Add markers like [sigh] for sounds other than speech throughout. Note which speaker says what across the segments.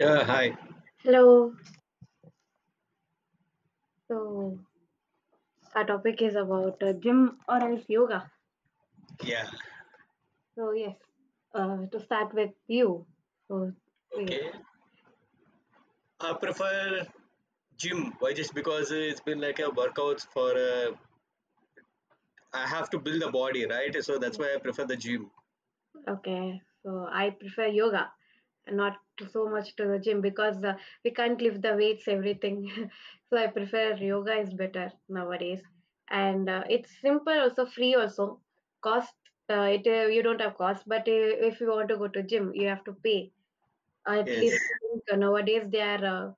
Speaker 1: Yeah, hi.
Speaker 2: Hello. So our topic is about gym or else yoga.
Speaker 1: Yeah,
Speaker 2: So yes, to start with you. So wait,
Speaker 1: okay. I prefer gym. Why? Just because it's been like a workouts for I have to build a body, right? So that's why I prefer the gym.
Speaker 2: okay. So I prefer yoga, and not to so much to the gym because we can't lift the weights, everything. [laughs] So I prefer yoga is better nowadays, and it's simple, also free, also cost. It you don't have cost, but if you want to go to gym, you have to pay. At least
Speaker 1: Yes,
Speaker 2: I think, nowadays they are uh,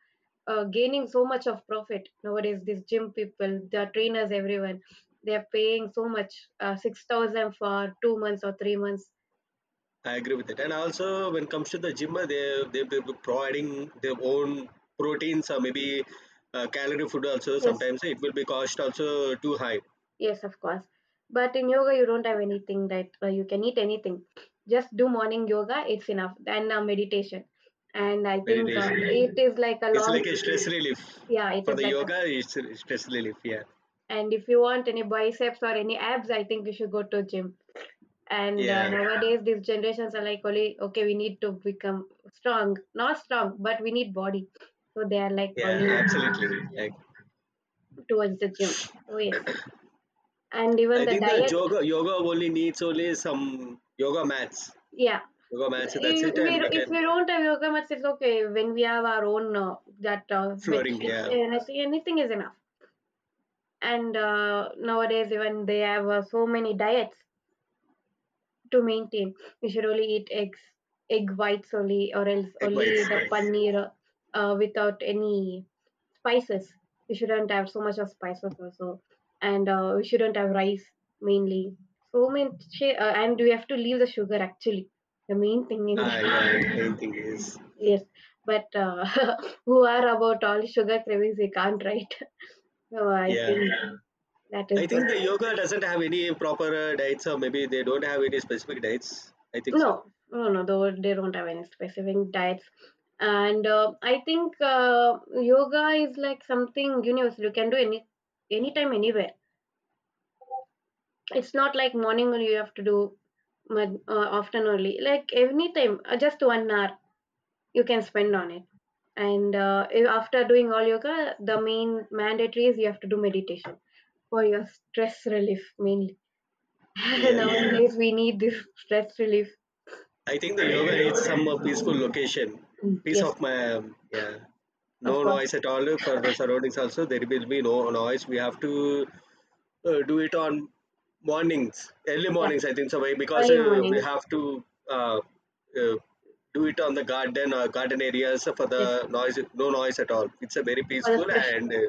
Speaker 2: uh, gaining so much of profit. Nowadays, these gym people, the trainers, everyone, they are paying so much, 6,000 for 2 months or 3 months.
Speaker 1: I agree with it. And also, when it comes to the gym, they be providing their own proteins or maybe calorie food also.
Speaker 2: Yes,
Speaker 1: Sometimes it will be cost also too high.
Speaker 2: yes, of course. But in yoga, you don't have anything, right? You can eat anything. Just do morning yoga; it's enough. Then meditation, and I think
Speaker 1: Meditation.
Speaker 2: it is like a
Speaker 1: It's
Speaker 2: long,
Speaker 1: like a stress relief
Speaker 2: yeah, it
Speaker 1: for
Speaker 2: is
Speaker 1: the
Speaker 2: like a.
Speaker 1: yoga. It's a stress relief. Yeah,
Speaker 2: And if you want any biceps or any abs, I think you should go to gym. And
Speaker 1: yeah,
Speaker 2: nowadays these generations are like only, okay, we need to become strong, not strong but we need body, so they are like
Speaker 1: yeah.
Speaker 2: only
Speaker 1: Absolutely. Like,
Speaker 2: towards the gym. Oh yes. And even
Speaker 1: I
Speaker 2: the
Speaker 1: think the
Speaker 2: diet,
Speaker 1: yoga only needs only some yoga mats,
Speaker 2: yeah.
Speaker 1: yoga mats. So that's it,
Speaker 2: We,
Speaker 1: and we
Speaker 2: if
Speaker 1: can
Speaker 2: we don't have yoga mats, it's okay when we have our own that bed
Speaker 1: flooring.
Speaker 2: sheets
Speaker 1: Yeah,
Speaker 2: and I say anything is enough. And nowadays even they have so many diets to maintain. You should only eat eggs, egg whites only, or else
Speaker 1: egg
Speaker 2: only
Speaker 1: whites.
Speaker 2: the
Speaker 1: Yes.
Speaker 2: paneer, without any spices. We shouldn't have so much of spices also, and we shouldn't have rice mainly. And we have to leave the sugar actually. The main thing in
Speaker 1: Ah, yeah.
Speaker 2: that,
Speaker 1: Main thing is
Speaker 2: [laughs] yes. But [laughs] who are about all sugar cravings? We can't, right? [laughs] So I
Speaker 1: yeah.
Speaker 2: think that is
Speaker 1: I
Speaker 2: good.
Speaker 1: think the yoga doesn't have any proper diets, or maybe they don't have any specific diets. I think
Speaker 2: No,
Speaker 1: so.
Speaker 2: no, no. Though they don't have any specific diets, and I think yoga is like something universal. You can do anytime, anywhere. It's not like morning only you have to do. But often only like any time, just 1 hour you can spend on it. And after doing all yoga, the main mandatory is you have to do meditation for your stress relief mainly. [laughs]
Speaker 1: Yes.
Speaker 2: Nowadays we need this stress relief.
Speaker 1: I think the yoga needs some peaceful location,
Speaker 2: Mm,
Speaker 1: peace
Speaker 2: yes,
Speaker 1: of my yeah.
Speaker 2: of
Speaker 1: No
Speaker 2: course.
Speaker 1: noise at all for the surroundings. Also, there will be no noise. We have to do it on mornings, early
Speaker 2: Yeah,
Speaker 1: mornings. I think so because
Speaker 2: early
Speaker 1: we
Speaker 2: mornings.
Speaker 1: have to uh, uh, do it on the garden or garden areas for
Speaker 2: Yes,
Speaker 1: the noise, no noise at all. It's a very
Speaker 2: for the
Speaker 1: peaceful
Speaker 2: fresh.
Speaker 1: and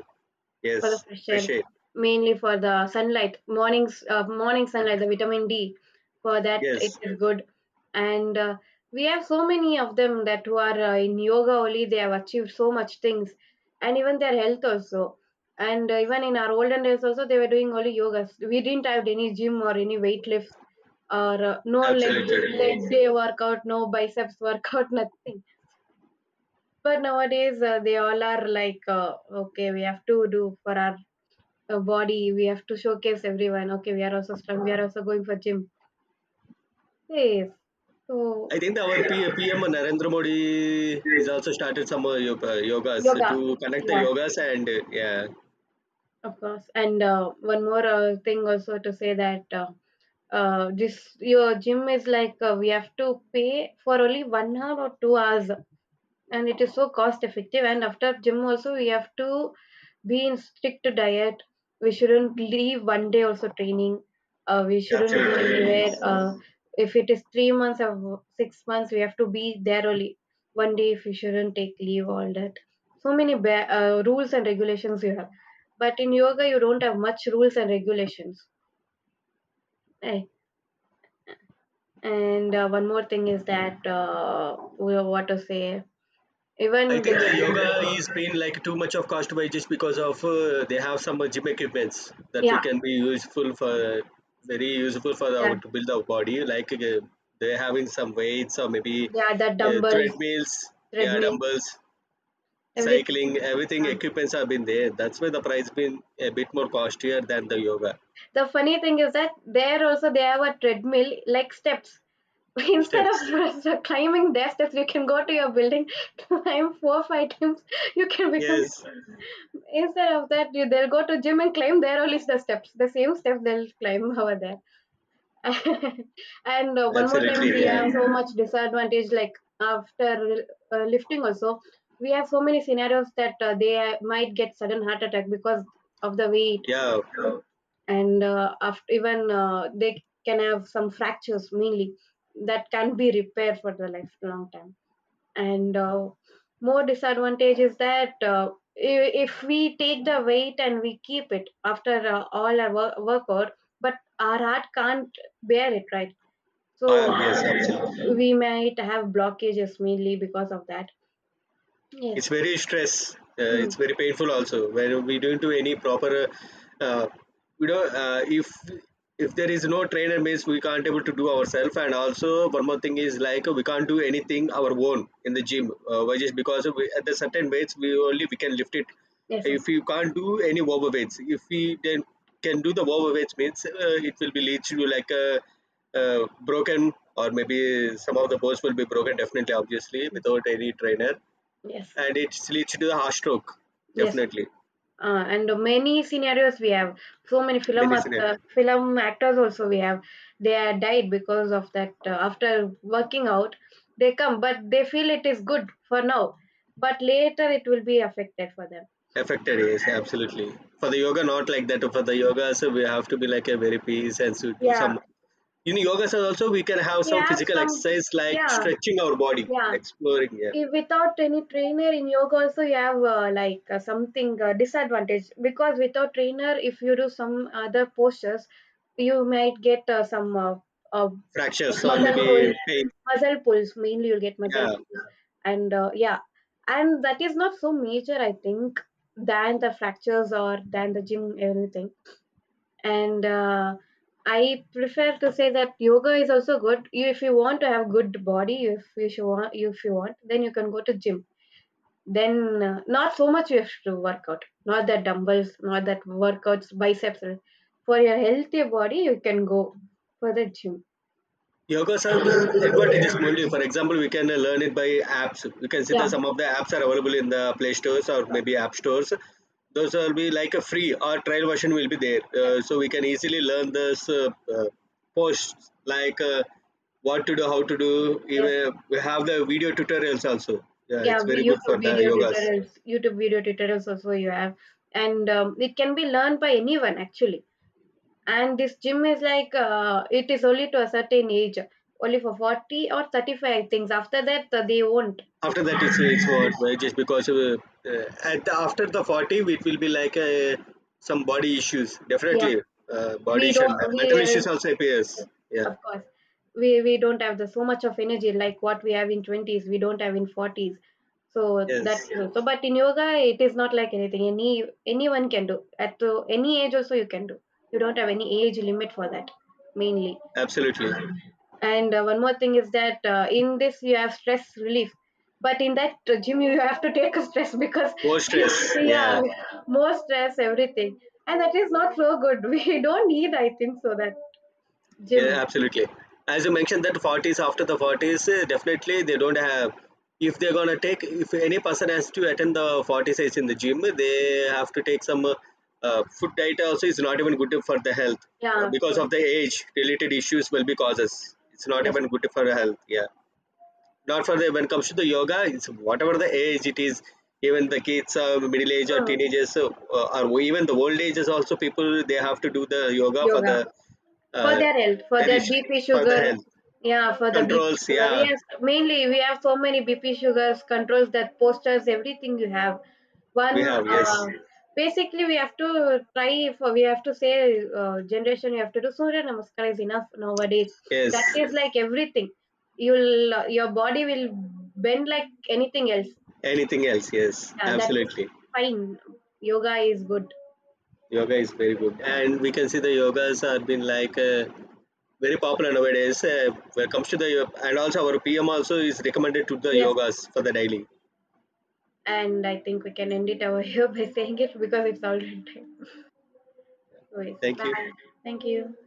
Speaker 2: For the
Speaker 1: yes,
Speaker 2: fresh air,
Speaker 1: fresh air.
Speaker 2: mainly for the sunlight, mornings, morning sunlight, the vitamin D. For that, it
Speaker 1: Yes,
Speaker 2: is good. And we have so many of them that who are in yoga only. They have achieved so much things, and even their health also. And even in our olden days also, they were doing only yogas. We didn't have any gym or any weight lift, or no leg,
Speaker 1: absolutely. Yes,
Speaker 2: day workout, no biceps workout, [laughs] nothing. But nowadays, they all are like, okay, we have to do for our a body, we have to showcase everyone, okay, we are also strong, we are also going for gym. Yes. So
Speaker 1: I think our PM Narendra Modi is also started some yogas
Speaker 2: yoga.
Speaker 1: to connect the
Speaker 2: Yeah,
Speaker 1: yogas and yeah,
Speaker 2: of course. And one more thing also to say that this your gym is like we have to pay for only 1 hour or 2 hours, and it is so cost effective. And after gym also we have to be in strict diet. We shouldn't leave 1 day also training. We shouldn't go
Speaker 1: absolutely.
Speaker 2: anywhere,
Speaker 1: Yes.
Speaker 2: if it is 3 months or 6 months we have to be there only. 1 day, if you shouldn't take leave all that, so many rules and regulations you have. But in yoga you don't have much rules and regulations, eh? And one more thing is that what to say,
Speaker 1: I
Speaker 2: even
Speaker 1: think the
Speaker 2: this,
Speaker 1: yoga is being like too much of cost by just because of they have some gym equipments that we
Speaker 2: yeah.
Speaker 1: can be useful for very useful for our
Speaker 2: Yeah.
Speaker 1: to build our body. Like they're having some weights or maybe
Speaker 2: Yeah, the dumbbells,
Speaker 1: treadmills, yeah,
Speaker 2: treadmill,
Speaker 1: dumbbells,
Speaker 2: everything.
Speaker 1: cycling, everything
Speaker 2: Yeah.
Speaker 1: equipments have been there. That's why the price been a bit more costlier than the yoga
Speaker 2: The funny thing is that there also they have a treadmill like steps. [laughs] Instead
Speaker 1: steps.
Speaker 2: of [laughs] climbing their steps, you can go to your building, [laughs] climb four or five times. You can become,
Speaker 1: Yes,
Speaker 2: instead of that, you, they'll go to gym and climb there only the steps, the same steps they'll climb over there. [laughs] And one more time,
Speaker 1: absolutely.
Speaker 2: we
Speaker 1: Yeah,
Speaker 2: have so much disadvantage. Like after lifting, also we have so many scenarios that they might get sudden heart attack because of the weight.
Speaker 1: yeah.
Speaker 2: And after even they can have some fractures mainly that can be repaired for the lifelong time. And more disadvantage is that if we take the weight and we keep it after all our workout, but our heart can't bear it, right? So
Speaker 1: Ah, yes, absolutely.
Speaker 2: we might have blockages mainly because of that. Yes.
Speaker 1: It's very stress
Speaker 2: Mm.
Speaker 1: it's very painful also when we don't do any proper uh, you know uh, if if there is no trainer means we can't able to do ourselves and also one more thing is like we can't do anything our own in the gym why just because we, at the certain weights we only we can lift it
Speaker 2: Yes.
Speaker 1: if you can't do any overweights if we then can do the overweights means it will be leads to like a uh, broken or maybe some of the bones will be broken definitely obviously without any trainer
Speaker 2: Yes.
Speaker 1: and it leads to the heart stroke
Speaker 2: Yes.
Speaker 1: definitely
Speaker 2: And many scenarios we have. So many
Speaker 1: medicinal
Speaker 2: film actors also we have. They are died because of that. After working out, they come, but they feel it is good for now. But later it will be affected for them.
Speaker 1: affected yes absolutely for the yoga not like that for the yoga so we have to be like a very peace and so do
Speaker 2: Yeah,
Speaker 1: some in yoga so also we can have
Speaker 2: we
Speaker 1: some
Speaker 2: have
Speaker 1: physical
Speaker 2: some.
Speaker 1: exercise like
Speaker 2: Yeah,
Speaker 1: stretching our body
Speaker 2: yeah.
Speaker 1: exploring yeah
Speaker 2: If without any trainer in yoga also you have like something disadvantage, because without trainer if you do some other postures you might get some uh,
Speaker 1: fractures or
Speaker 2: muscle
Speaker 1: maybe
Speaker 2: pull
Speaker 1: pain
Speaker 2: muscle pulls mainly you'll get muscle.
Speaker 1: yeah.
Speaker 2: And yeah. And that is not so major, I think, than the fractures or than the gym anything. And I prefer to say that yoga is also good. You, if you want to have good body, if you want, then you can go to gym. Then not so much you have to work out, not that dumbbells, not that workouts biceps. For your healthy body you can go for the gym.
Speaker 1: Yogas are the advantages only. For example, we can learn it by apps. We can see that
Speaker 2: Yeah.
Speaker 1: some of the apps are available in the Play stores or maybe app stores. Those will be like a free or trial version will be there.
Speaker 2: Yes.
Speaker 1: So we can easily learn this uh, posts like what to do, how to do.
Speaker 2: Yes.
Speaker 1: Even we have the video tutorials also. Yeah,
Speaker 2: yeah
Speaker 1: it's
Speaker 2: we-
Speaker 1: very good
Speaker 2: YouTube
Speaker 1: for the
Speaker 2: video
Speaker 1: yogas.
Speaker 2: tutorials, also you have. And it can be learned by anyone actually. And this gym is like it is only to a certain age, only for 40 or 35 things. After that they won't.
Speaker 1: After that it's what well, just because uh, at the, after the 40 it will be like some body issues
Speaker 2: Yeah.
Speaker 1: definitely body
Speaker 2: we
Speaker 1: issue
Speaker 2: don't
Speaker 1: and
Speaker 2: we
Speaker 1: mental issues also appears
Speaker 2: Yes,
Speaker 1: yeah
Speaker 2: of course. We don't have the so much of energy like what we have in 20s, we don't have in 40s. So that
Speaker 1: yes
Speaker 2: is also. But in yoga, it is not like anything. Anyone can do at any age, also you can do. You don't have any age limit for that mainly.
Speaker 1: absolutely
Speaker 2: And one more thing is that in this you have stress relief, but in that gym you have to take a stress because
Speaker 1: more stress
Speaker 2: [laughs] yeah,
Speaker 1: yeah.
Speaker 2: more stress, everything, and that is not so good. [laughs] We don't need, I think, so that
Speaker 1: Yeah,
Speaker 2: gym.
Speaker 1: absolutely. As you mentioned that 40s after the 40s, definitely they don't have. If they're gonna take, if any person has to attend the 40 size in the gym, they have to take some food diet. Also, is not even good for the health.
Speaker 2: Yeah, of
Speaker 1: Because
Speaker 2: course.
Speaker 1: of the age related issues will be causes. It's not
Speaker 2: Yes,
Speaker 1: even good for the health. Yeah, not for the when it comes to the yoga it's whatever the age it is even the kids middle age or
Speaker 2: sir.
Speaker 1: teenagers so, or even the old ages also people they have to do the yoga for
Speaker 2: Yoga
Speaker 1: the
Speaker 2: for
Speaker 1: uh,
Speaker 2: their health, for
Speaker 1: very
Speaker 2: their
Speaker 1: sh-
Speaker 2: BP
Speaker 1: for the
Speaker 2: sugar.
Speaker 1: health
Speaker 2: Yeah, for the BP
Speaker 1: controls
Speaker 2: sugar.
Speaker 1: yeah
Speaker 2: Yes, mainly we have so many BP sugars, controls that posters, everything you have.
Speaker 1: we
Speaker 2: One,
Speaker 1: have yes
Speaker 2: basically, we have to try for, we have to say, generation, you have to do Surya Namaskar is enough nowadays. That
Speaker 1: yes
Speaker 2: is like everything. Your body will bend like anything else.
Speaker 1: anything else yes
Speaker 2: Yeah, that is
Speaker 1: absolutely.
Speaker 2: fine. Yoga is good.
Speaker 1: Yoga is very good and we can see the yogas are been like very popular nowadays when it comes to the and also our pm also is recommended to the
Speaker 2: Yes.
Speaker 1: yogas for the daily
Speaker 2: And I think we can end it over [laughs] here by saying it because it's already [laughs] time. So, yes,
Speaker 1: thank you
Speaker 2: bye. Thank you.